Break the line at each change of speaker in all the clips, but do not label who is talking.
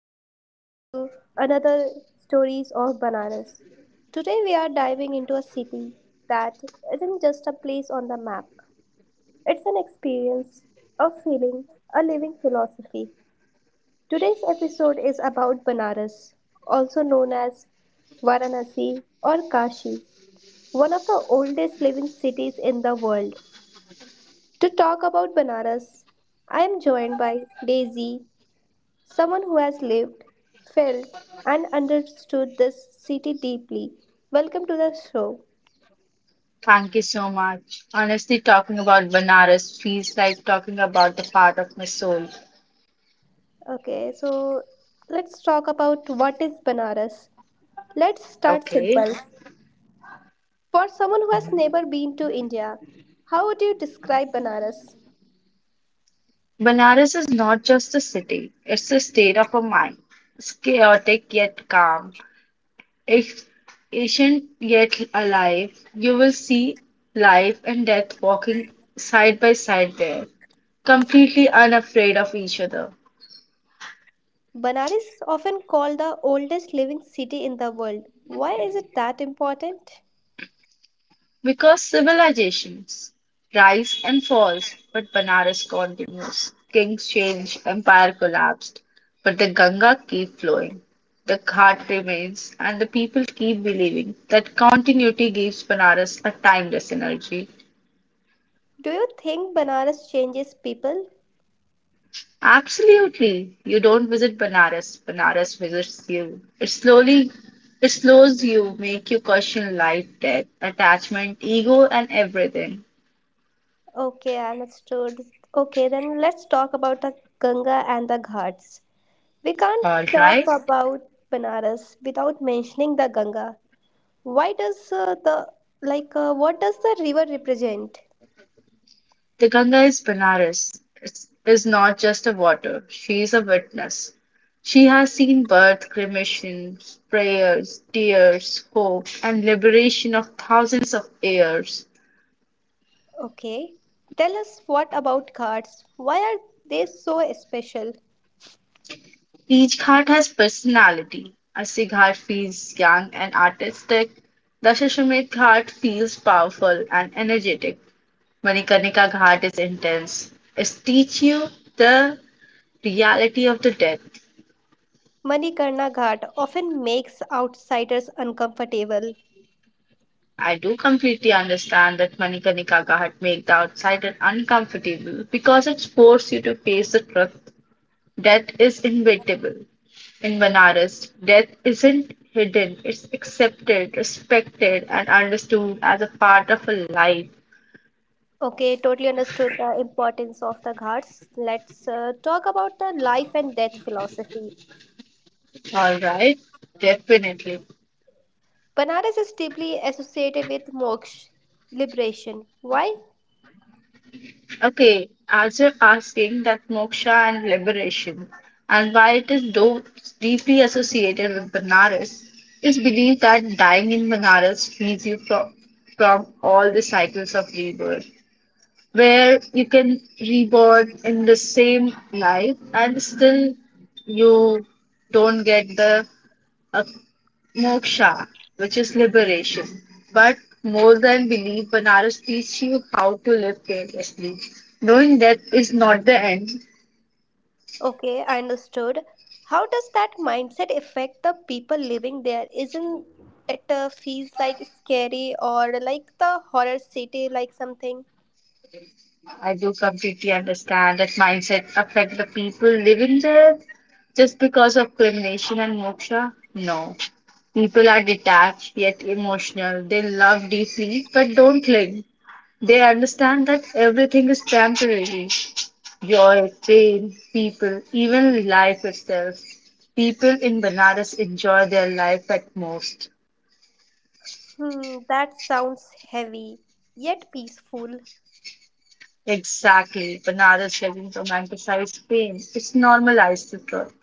Welcome back to another Stories of Banaras. Today we are diving into a city that isn't just a place on the map. It's an experience, a feeling, a living philosophy. Today's episode is about Banaras, also known as Varanasi or Kashi, one of the oldest living cities in the world. To talk about Banaras, I am joined by Daisy, someone who has lived, felt, and understood this city deeply. Welcome to the show.
Thank you so much. Honestly, talking about Banaras feels like talking about the part of my soul.
Okay, so let's talk about what is Banaras. Let's start
Okay.
simple. For someone who has
Mhm.
never been to India, how would you describe Banaras?
Banaras is not just a city, it's a state of a mind. It's chaotic yet calm, it's ancient yet alive. You will see life and death walking side by side there, completely unafraid of each other.
Banaras is often called the oldest living city in the world. Why is it that important?
Because civilizations rise and falls, but Banaras continues. Kings change, empire collapsed, but the Ganga keep flowing. The Ghat remains, and the people keep believing that continuity gives Banaras a timeless energy.
Do you think Banaras changes people?
Absolutely, you don't visit Banaras; Banaras visits you. It slowly, it slows you, make you question life, death, attachment, ego, and everything.
Okay, understood. Okay, then let's talk about the Ganga and the Ghats. We can't
All
talk
right.
about Banaras without mentioning the Ganga. Why does the what does the river represent?
The Ganga is Benares. It's, is not just a water, she is a witness. She has seen birth, cremations, prayers, tears, hope, and liberation of thousands of heirs.
Okay, tell us what about Ghats? Why are they so special?
Each Ghat has personality. Assi Ghat feels young and artistic. Dashashwamedh Ghat feels powerful and energetic. Manikarnika Ghat is intense. It teaches you the reality of the death.
Manikarna Ghat often makes outsiders uncomfortable.
I do completely understand that Manikanikaga had made the outsider uncomfortable because it forces you to face the truth. Death is inevitable. In Banaras, death isn't hidden, it's accepted, respected, and understood as a part of a life.
Okay, totally understood the importance of the Ghats. Let's talk about the life and death philosophy.
Alright, definitely.
Banaras is deeply associated with moksha, liberation. Why?
Okay, as you're asking that moksha and liberation, and why it is though deeply associated with Banaras, is believed that dying in Banaras frees you from all the cycles of rebirth, where you can reborn in the same life and still you don't get the uh, moksha, which is liberation. But more than belief, Banaras teaches you how to live carelessly. Knowing that is not the end,
Okay, I understood. How does that mindset affect the people living there? Isn't it feels like scary or like the horror city, like something?
I do completely understand that mindset affect the people living there just because of culmination and moksha. No. People are detached yet emotional. They love deeply but don't cling. They understand that everything is temporary. Joy, train, people, even life itself. People in Banaras enjoy their life at most.
Hmm, that sounds heavy, yet peaceful.
Exactly. Banaras doesn't romanticize pain. It's normalized the truth.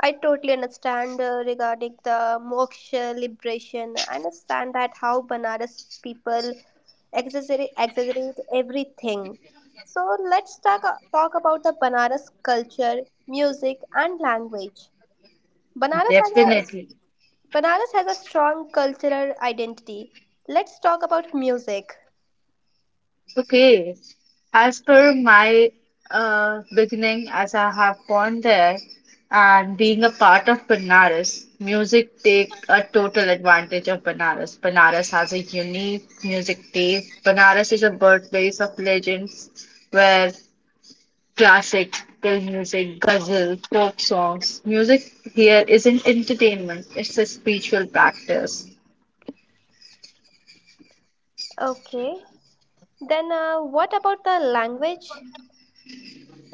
I totally understand regarding the moksha liberation. I understand that how Banaras people exaggerate everything. So let's talk about the Banaras culture, music, and language. Banaras has
Definitely.
Banaras has a strong cultural identity. Let's talk about music.
Okay. As per my beginning, as I have gone there and being a part of Banaras, music take a total advantage of Banaras. Banaras has a unique music taste. Banaras is a birthplace of legends where classic till music, ghazal, folk songs. Music here isn't entertainment, it's a spiritual practice.
Okay. Then what about the language?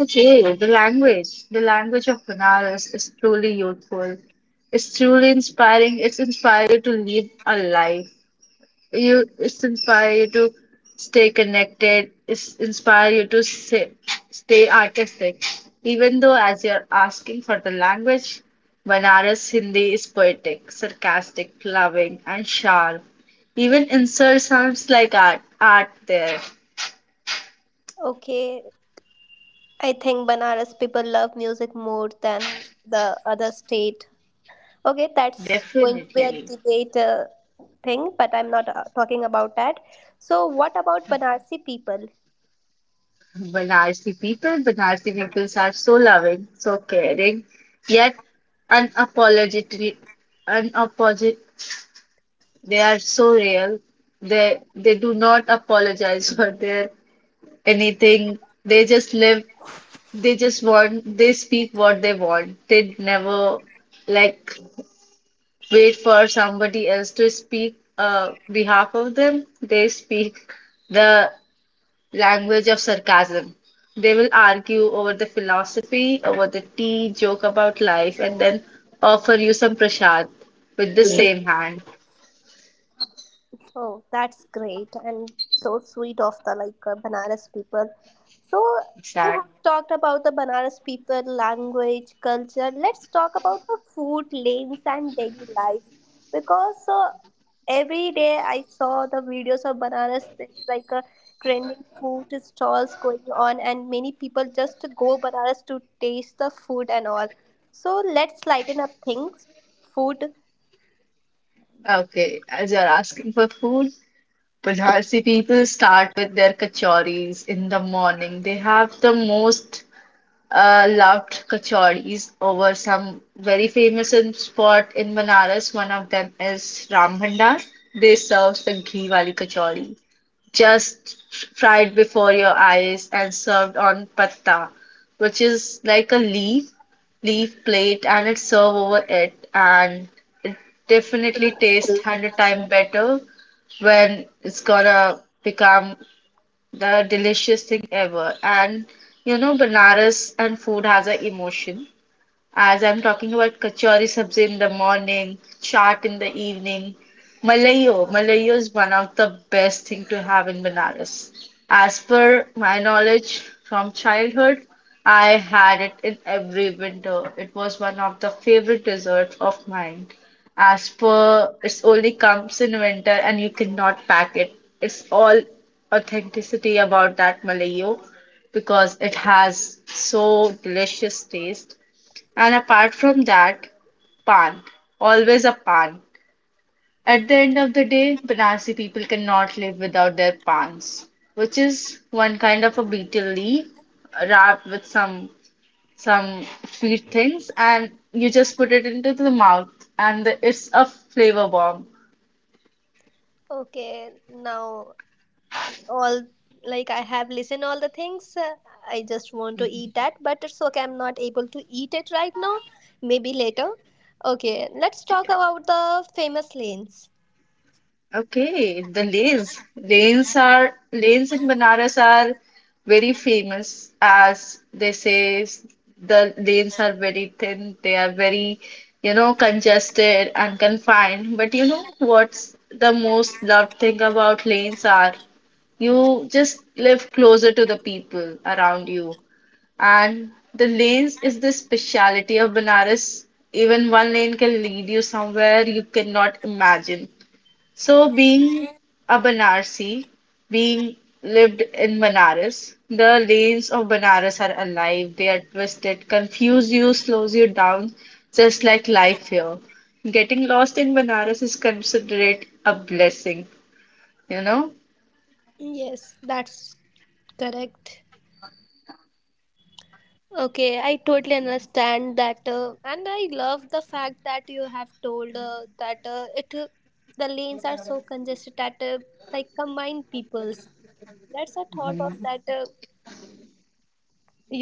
Okay, the language of Benares is truly youthful. It's truly inspiring. It's inspired you to live a life. You, it's inspire you to stay connected. It's inspire you to say, stay artistic. Even though, as you're asking for the language, Benares Hindi is poetic, sarcastic, loving, and sharp. Even insert sounds like art, art there,
Okay, I think Banaras people love music more than the other state. Okay, that's going to be a
definitely.
debate thing, but I'm not talking about that. So, what about Banarsi people?
Banarsi people, Banarsi peoples are so loving, so caring, yet unapologetically, unapologetic. They are so real. They do not apologize for their anything. They just live. They just want. They speak what they want. They never like wait for somebody else to speak behalf of them. They speak the language of sarcasm. They will argue over the philosophy, over the tea, joke about life, and then offer you some prasad with the same hand.
Oh, that's great and so sweet of the Banaras people. So we
Exact.
have talked about the Banaras people, language, culture. Let's talk about the food lanes and daily life because every day I saw the videos of Banaras. There's like a trending food stalls going on, and many people just go Banaras to taste the food and all. So let's lighten up things. Food.
Okay, as you're asking for food, Banarsi people start with their kachoris in the morning. They have the most loved kachoris over some very famous spot in Banaras. One of them is Ram Bhandar. They serve the ghee wali kachori. Just fried before your eyes and served on patta, which is like a leaf plate, and it's served over it, and it definitely tastes hundred times better when it's gonna become the delicious thing ever. And you know, Banaras and food has an emotion as I'm talking about kachori sabzi in the morning, chaat in the evening. Malayo, malayo is one of the best thing to have in Banaras. As per my knowledge from childhood, I had it in every winter. It was one of the favorite desserts of mine. As per, it's only comes in winter and you cannot pack it. It's all authenticity about that malayo because it has so delicious taste, and apart from that, pan. Always a pan. At the end of the day, Banarsi people cannot live without their pans, which is one kind of a beetle leaf wrapped with some sweet things, and you just put it into the mouth, and it's a flavor bomb.
Okay, now all like I have listened all the things I just want to eat that, but it's okay, I'm not able to eat it right now, maybe later. Okay, let's talk about the famous lanes.
Okay, the lanes. Lanes are lanes in Banaras are very famous as they say the lanes are very thin, they are very, you know, congested and confined. But you know what's the most loved thing about lanes are you just live closer to the people around you. And the lanes is the speciality of Banaras. Even one lane can lead you somewhere you cannot imagine. So, being a Banarsi, being lived in Banaras, the lanes of Banaras are alive, they are twisted, confuse you, slows you down, just like life here. Getting lost in Banaras is considered a blessing, you know?
Yes, that's correct. Okay, I totally understand that and I love the fact that you have told that it the lanes are so congested that like combine peoples, that's a thought of that.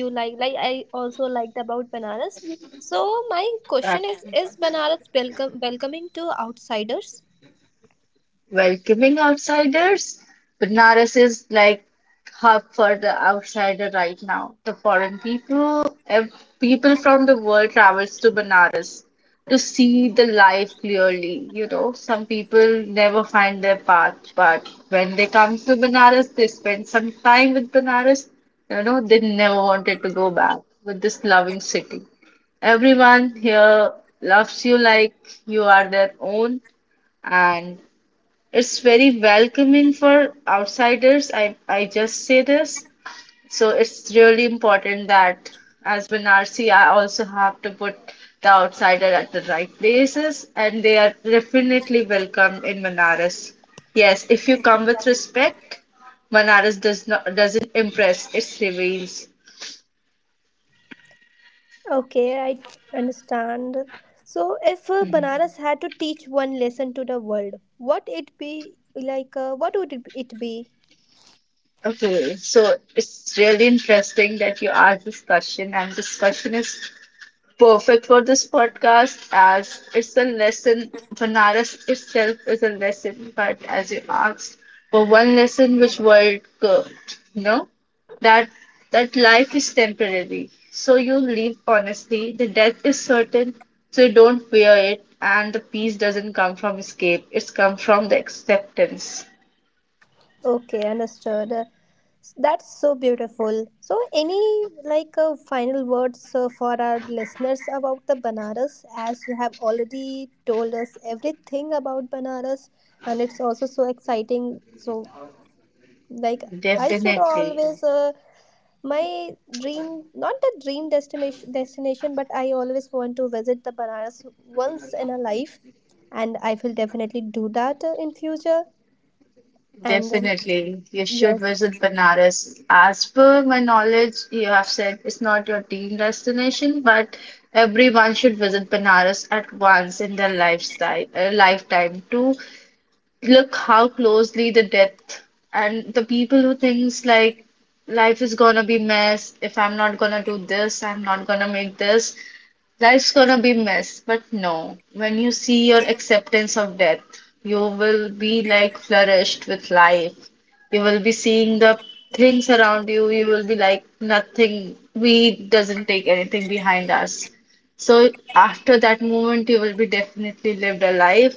You like I also liked about Banaras. So my question is Banaras welcome welcoming to outsiders?
Welcoming outsiders. Banaras is like hub for the outsider right now. The foreign people, people from the world travels to Banaras to see the life clearly. You know, some people never find their path, but when they come to Banaras, they spend some time with Banaras. You know, they never wanted to go back with this loving city. Everyone here loves you like you are their own, and it's very welcoming for outsiders. I just say this. So it's really important that as Banarsi, I also have to put the outsider at the right places, and they are definitely welcome in Manaras. Yes, if you come with respect, Manaras doesn't impress, it reveals.
Okay, I understand. So, if Banaras had to teach one lesson to the world, what it be like? What would it be?
Okay, so it's really interesting that you asked this question, and this question is perfect for this podcast as it's a lesson. Banaras itself is a lesson, but as you asked for one lesson which world could, no? that that life is temporary. So you live honestly, the death is certain, so you don't fear it, and the peace doesn't come from escape, it's come from the acceptance.
Okay, understood. That's so beautiful. So, any final words for our listeners about the Banaras, as you have already told us everything about Banaras, and it's also so exciting. So, like I should
Definitely.
always my dream, not the dream destination, but I always want to visit the Banaras once in a life, and I will definitely do that in future. And
Definitely, you should
yes.
visit Banaras. As per my knowledge, you have said it's not your dream destination, but everyone should visit Banaras at once in their lifetime to look how closely the death and the people who thinks like life is gonna be mess if I'm not gonna do this, I'm not gonna make this. Life's gonna be mess, but no. When you see your acceptance of death, you will be like flourished with life. You will be seeing the things around you. You will be like nothing. We doesn't take anything behind us. So after that moment, you will be definitely lived a life.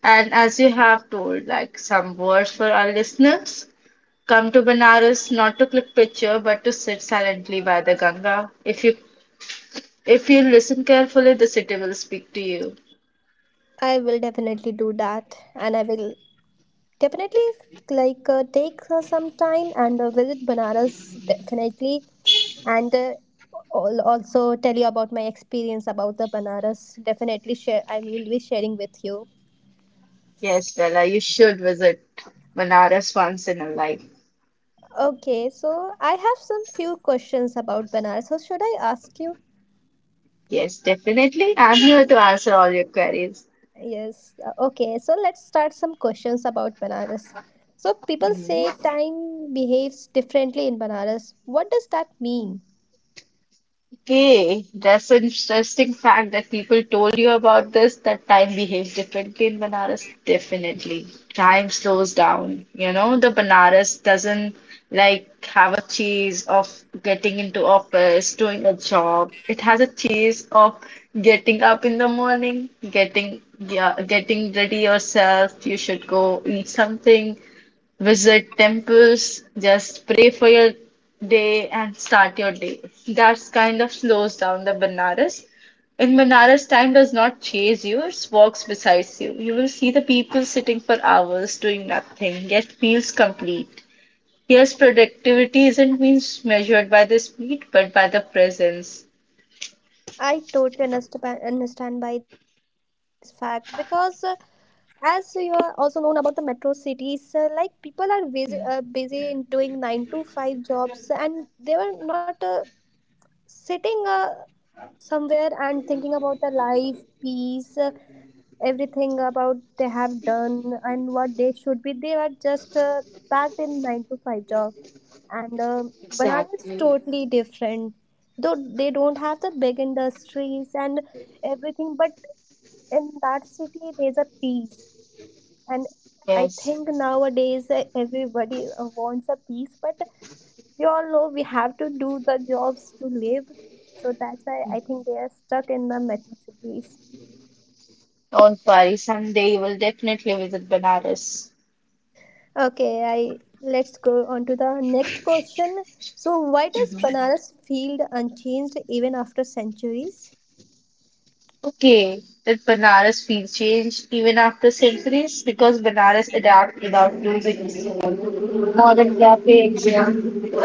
And as you have told, like some words for our listeners, come to Banaras not to click picture, but to sit silently by the Ganga. If you listen carefully, the city will speak to you.
I will definitely do that, and I will definitely take some time and visit Banaras definitely, and also tell you about my experience about the Banaras. Definitely share. I will be sharing with you.
Yes, Bella, you should visit Banaras once in a life.
Okay, so I have some few questions about Banaras. So should I ask you?
Yes, definitely. I'm here to answer all your queries.
Yes. Okay, so let's start some questions about Banaras. So people
Mhm.
say time behaves differently in Banaras. What does that mean?
Okay, that's an interesting fact that people told you about this, that time behaves differently in Banaras. Definitely. Time slows down. You know, the Banaras doesn't like have a chase of getting into office, doing a job. It has a chase of getting up in the morning, getting yeah, getting ready yourself. You should go eat something, visit temples, just pray for your day and start your day. That's kind of slows down the Banaras. In Banaras, time does not chase you, it walks beside you. You will see the people sitting for hours doing nothing, yet feels complete. Here's productivity isn't mean measured by the speed, but by the presence.
I totally understand by this fact because as you are also known about the metro cities, like people are busy in doing 9 to 5 jobs, and they were not sitting somewhere and thinking about their life, peace, everything about they have done and what they should be. They are just packed in 9 to 5 job, and Banana is
Exactly.
totally different. Though they don't have the big industries and everything, but in that city there's a peace. And I
Yes.
think nowadays everybody wants a peace, but we all know we have to do the jobs to live. So that's why I think they are stuck in the metro cities.
Don't worry, someday you will definitely visit Banaras.
Okay, I let's go on to the next question. So, why does Banaras feel unchanged even after centuries?
Okay, that Banaras feel changed even after centuries because Banaras adapt without losing its soul. Modern cafe exists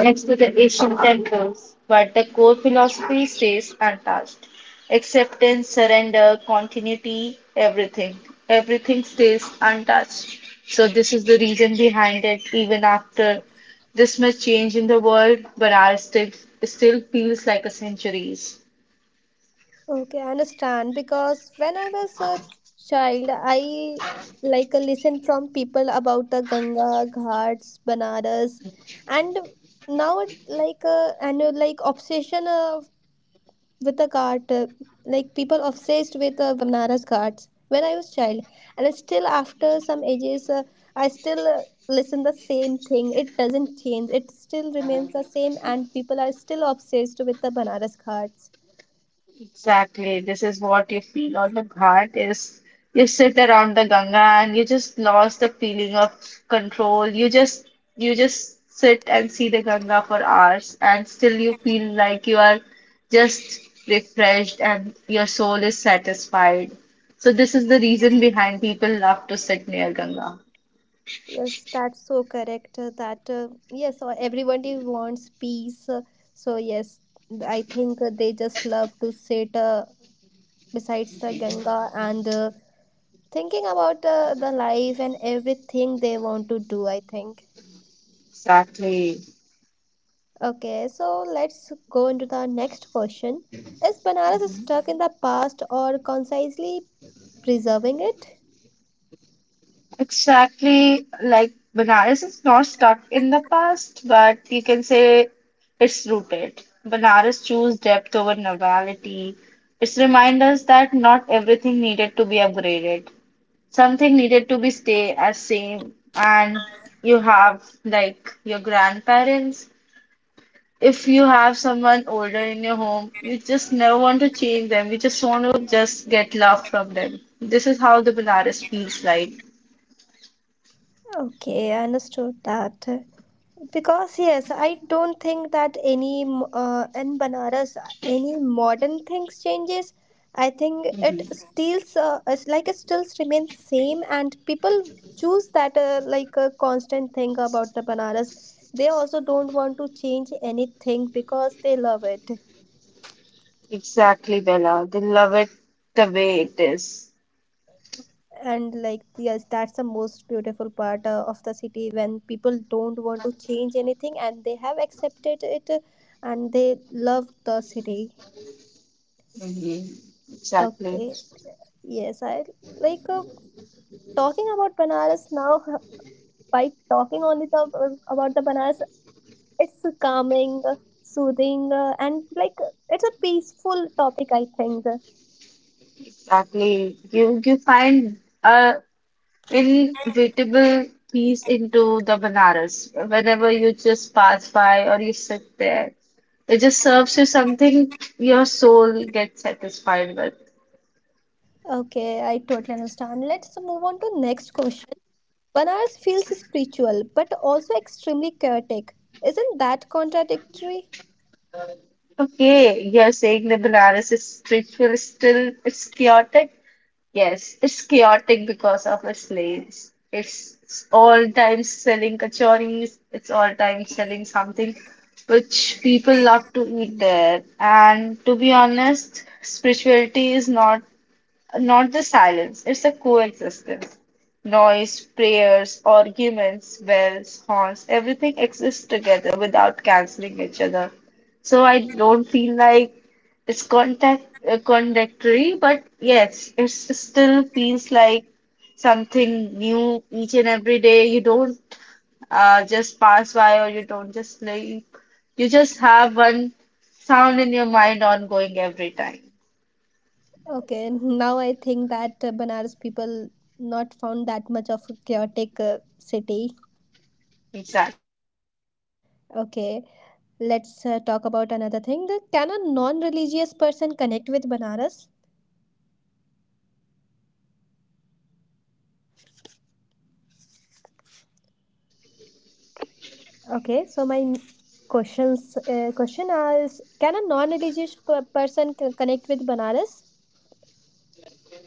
next to the Asian temples, but the core philosophy stays untouched. Acceptance, surrender, continuity, everything. Everything stays untouched. So this is the reason behind it. Even after this much change in the world, Banaras still feels like a centuries.
Okay, I understand because when I was a child, I listen from people about the Ganga Ghats, Banaras, and now it, like and like obsession with the cart, like people obsessed with Banaras carts when I was child, and still after some ages, I still listen the same thing. It doesn't change, it still remains the same, and people are still obsessed with the Banaras carts.
Exactly. This is what you feel on the Ghat is you sit around the Ganga and you just lost the feeling of control. You just sit and see the Ganga for hours and still you feel like you are just refreshed and your soul is satisfied. So this is the reason behind people love to sit near Ganga.
Yes, that's so correct that yes, everybody wants peace, so yes, I think they just love to sit besides the Ganga and thinking about the life and everything they want to do, I think.
Exactly.
Okay, so let's go into the next question. Is Banaras stuck in the past or concisely preserving it?
Exactly, like Banaras is not stuck in the past, but you can say it's rooted. Banaras chose depth over novelty. It's remind us that not everything needed to be upgraded. Something needed to be stay as same. And you have like your grandparents. If you have someone older in your home, you just never want to change them. You just want to just get love from them. This is how the Banaras feels like.
Okay, I understood that. Because yes, I don't think that in Banaras any modern things changes. I think it stills, it's like it still remains same, and people choose that like a constant thing about the Banaras. They also don't want to change anything because they love it,
Exactly, Bella. They love it the way it is.
and like yes, that's the most beautiful part of the city when people don't want to change anything and they have accepted it, and they love the city.
Mhm. Exactly.
Okay. Yes, I like uh, talking about Banaras now. By talking only the about the Banaras, it's calming, soothing, and like it's a peaceful topic, I think.
Exactly. You find a inevitable peace into the Banaras whenever you just pass by or you sit there. It just serves you something your soul gets satisfied with.
Okay, I totally understand. Let's move on to next question. Banaras feels spiritual, but also extremely chaotic. Isn't that contradictory?
Okay, you're saying the Banaras is spiritual, still it's chaotic. Yes, it's chaotic because of its lanes. It's all time selling kachoris. It's all time selling something which people love to eat there. And to be honest, spirituality is not the silence, it's a coexistence. Noise, prayers, arguments, bells, horns, everything exists together without canceling each other. So I don't feel like it's contact contradictory, but yes, it still feels like something new each and every day. You don't just pass by or you don't just sleep. You just have one sound in your mind ongoing every time.
Okay, now I think that Banaras people not found that much of a chaotic city.
Exactly.
Okay, let's talk about another thing. Can a non religious person connect with Banaras? Okay, so my question is, can a non religious person connect with Banaras?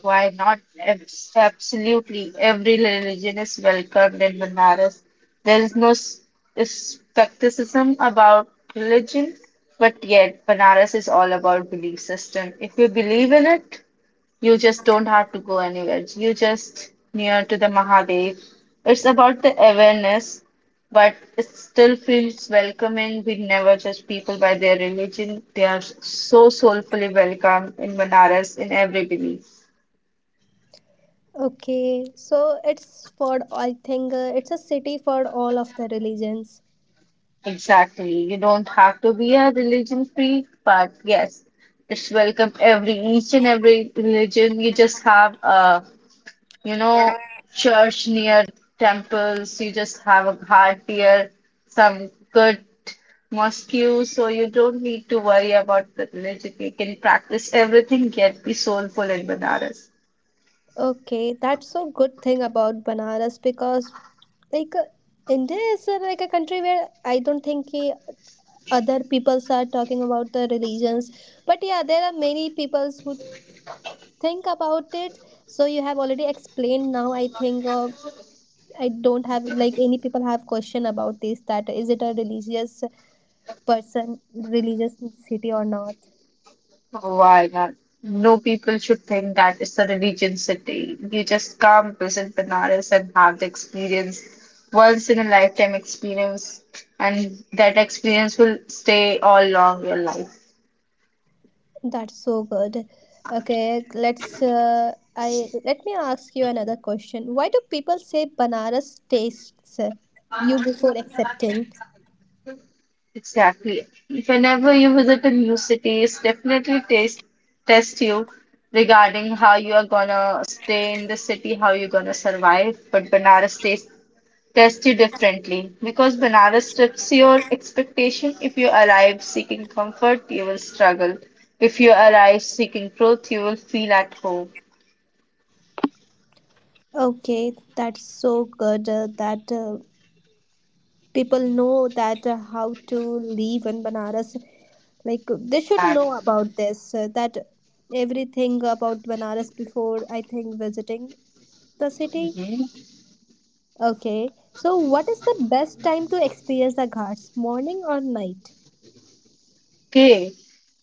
Why not? Absolutely. Every religion is welcomed in Banaras. There is no skepticism about religion, but yet Banaras is all about belief system. If you believe in it, you just don't have to go anywhere. You just near to the Mahadev. It's about the awareness, but it still feels welcoming. We never judge people by their religion. They are so soulfully welcome in Banaras in every belief.
Okay, so it's for, I think it's a city for all of the religions.
Exactly. You don't have to be a religion freak, but yes, it's welcome every each and every religion. You just have a, you know, church near temples, you just have a ghat near some good mosque, so you don't need to worry about the religion. You can practice everything, yet be soulful in Banaras.
Okay, that's a good thing about Banaras because like uh, India is like a country where I don't think other peoples are talking about the religions, but yeah, there are many peoples who think about it. So you have already explained. Now I think I don't have like any people have question about this, that is it a person religious city or not.
Why not? No people should think that it's a religion city. You just come, visit Banaras, and have the experience, once in a lifetime experience, and that experience will stay all along your life.
That's so good. Okay, let me ask you another question. Why do people say Banaras tastes you before accepting?
Exactly. Whenever you visit a new city, it's definitely taste test you regarding how you are gonna stay in the city, how you're gonna survive. But Banaras tastes tested differently because Benares strips your expectation. If you arrive seeking comfort, you will struggle. If you arrive seeking truth, you will feel at home.
Okay, that's so good that people know that how to live in Banaras, like they should know about this, that everything about Banaras before, I think, visiting the city. Okay, so what is the best time to experience the Ghats, morning or night?
Okay,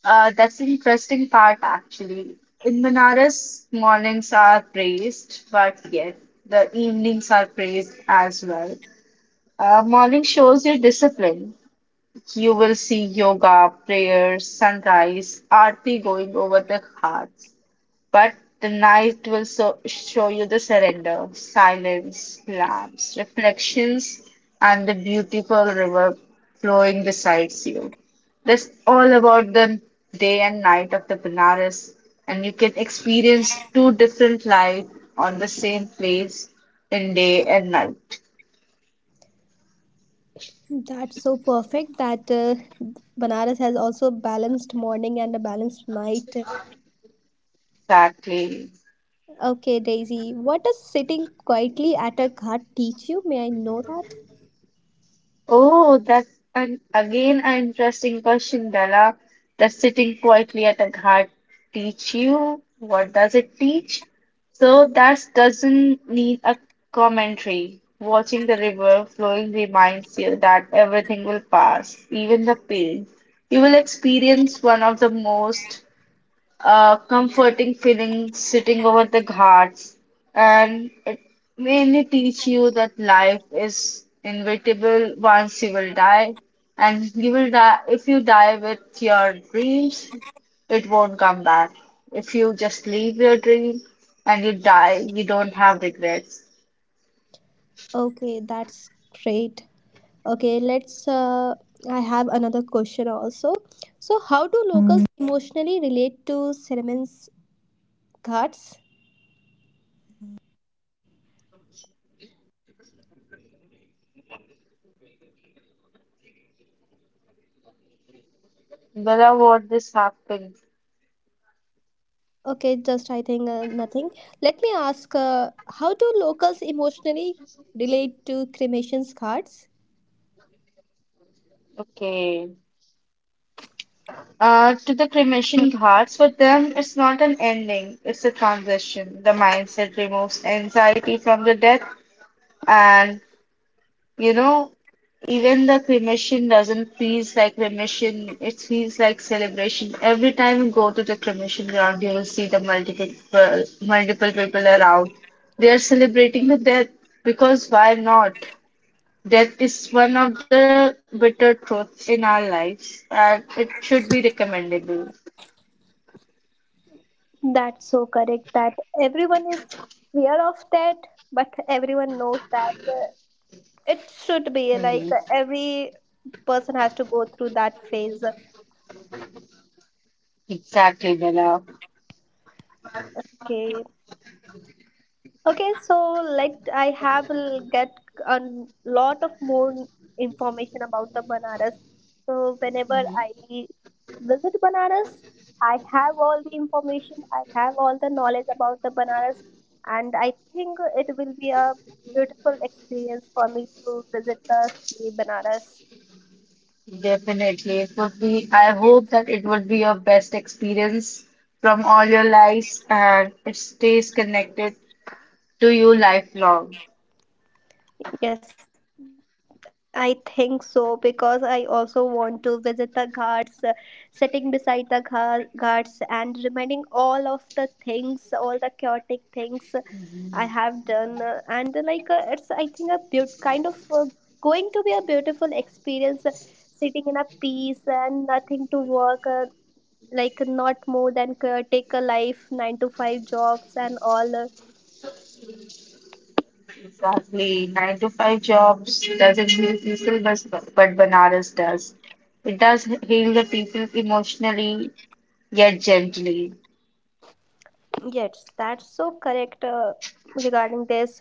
that's the interesting part actually. In Benares, mornings are praised, but yet the evenings are praised as well. Morning shows your discipline. You will see yoga, prayers, sunrise, aarti going over the hearts. But the night will so show you the surrender, silence, lamps, reflections, and the beautiful river flowing beside you. That's all about the day and night of the Benares, and you can experience two different life on the same place in day and night.
That's so perfect that Banaras has also balanced morning and a balanced night.
Exactly.
Okay, Daisy, what does sitting quietly at a ghat teach you? May I know that?
Oh, that's an again an interesting question, Dala. Does sitting quietly at a ghat teach you? What does it teach? So that doesn't need a commentary. Watching the river flowing reminds you that everything will pass, even the pain. You will experience one of the most a comforting feeling sitting over the ghats, and it mainly teach you that life is inevitable once you will die, and you will die if you die with your dreams, it won't come back. If you just leave your dream and you die, you don't have regrets.
Okay, that's great. Okay, let's. I have another question also. So, how do locals emotionally relate to Cinnamons Ghats?
Bella, what this happened?
Okay, just I think nothing. Let me ask how do locals emotionally relate to cremation's Ghats?
Okay. To the cremation ghats, for them, it's not an ending, it's a transition. The mindset removes anxiety from the death, and you know, even the cremation doesn't feel like cremation, it feels like celebration. Every time you go to the cremation ground, you will see the multiple people around. They are celebrating the death because why not? Death is one of the bitter truths in our lives, and it should be recommendable.
That's so correct that everyone is aware of that, but everyone knows that it should be like
Mhm.
every person has to go through that phase.
Exactly, Bella.
Okay, okay, so like I have get a lot of more information about the Banaras. So whenever
Mhm.
I visit Banaras, I have all the information, I have all the knowledge about the Banaras, and I think it will be a beautiful experience for me to visit the city Banaras.
Definitely, it would be. I hope that it would be your best experience from all your lives, and it stays connected to you lifelong.
Yes, I think so, because I also want to visit the ghats, sitting beside the ghats and reminding all of the things, all the chaotic things I have done, and like it's, I think, a kind of going to be a beautiful experience, sitting in a peace and nothing to work, like not more than chaotic life, 9 to 5 jobs and all.
Exactly, 9 to 5 jobs doesn't heal people, but Banaras does. It does heal the people emotionally yet gently.
Yes, that's so correct regarding this.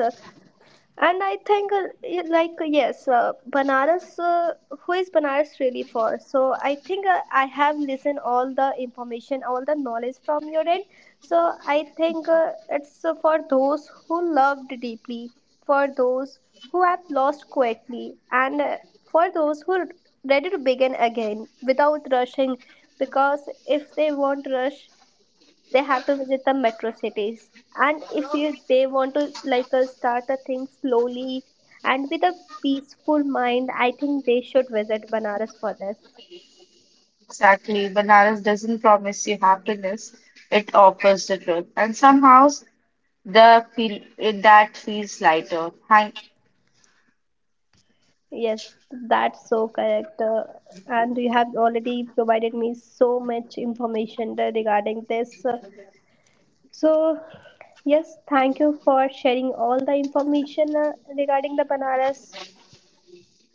And I think, yes, Banaras, who is Banaras really for? So I think I have listened all the information, all the knowledge from your end. So I think it's for those who loved deeply, for those who have lost quietly, and for those who are ready to begin again without rushing, because if they won't rush, they have to visit the metro cities, and if you they want to start a thing slowly and with a peaceful mind, I think they should visit Banaras for this.
Exactly. Bananas doesn't promise you happiness, it offers the truth. And somehow the feel it, that feels lighter. Thank,
Yes, that's so correct, and you have already provided me so much information regarding this. So yes, thank you for sharing all the information regarding the Banaras.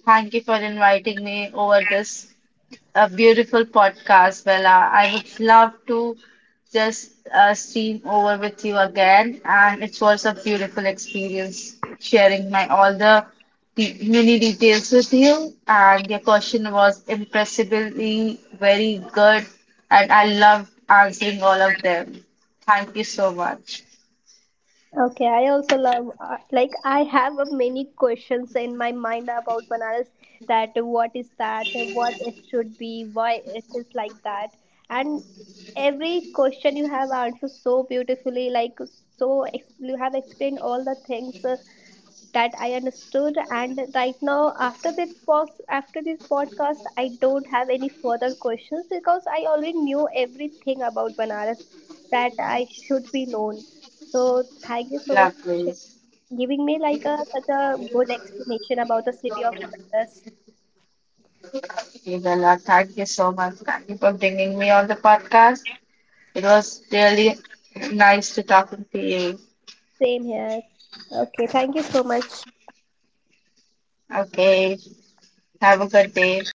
thank you for inviting me over this a beautiful podcast, Bella. I would love to just stream over with you again, and it was a beautiful experience sharing my all the de many details with you. And your question was impressively very good, and I loved answering all of them. Thank you so much.
Okay, I also love like I have a many questions in my mind about bananas, that what is that, what it should be, why it is like that, and every question you have answered so beautifully, like so you have explained all the things that I understood. And right now, after this after this podcast, I don't have any further questions because I already knew everything about Banaras that I should be known. So thank you so much for
Lovely.
giving me like a such a good explanation about the city of Banaras.
Okay, Bella, thank you so much. Thank you for bringing me on the podcast. It was really nice to talking to you.
Same here. Okay, thank you so much.
Okay. Have a good day.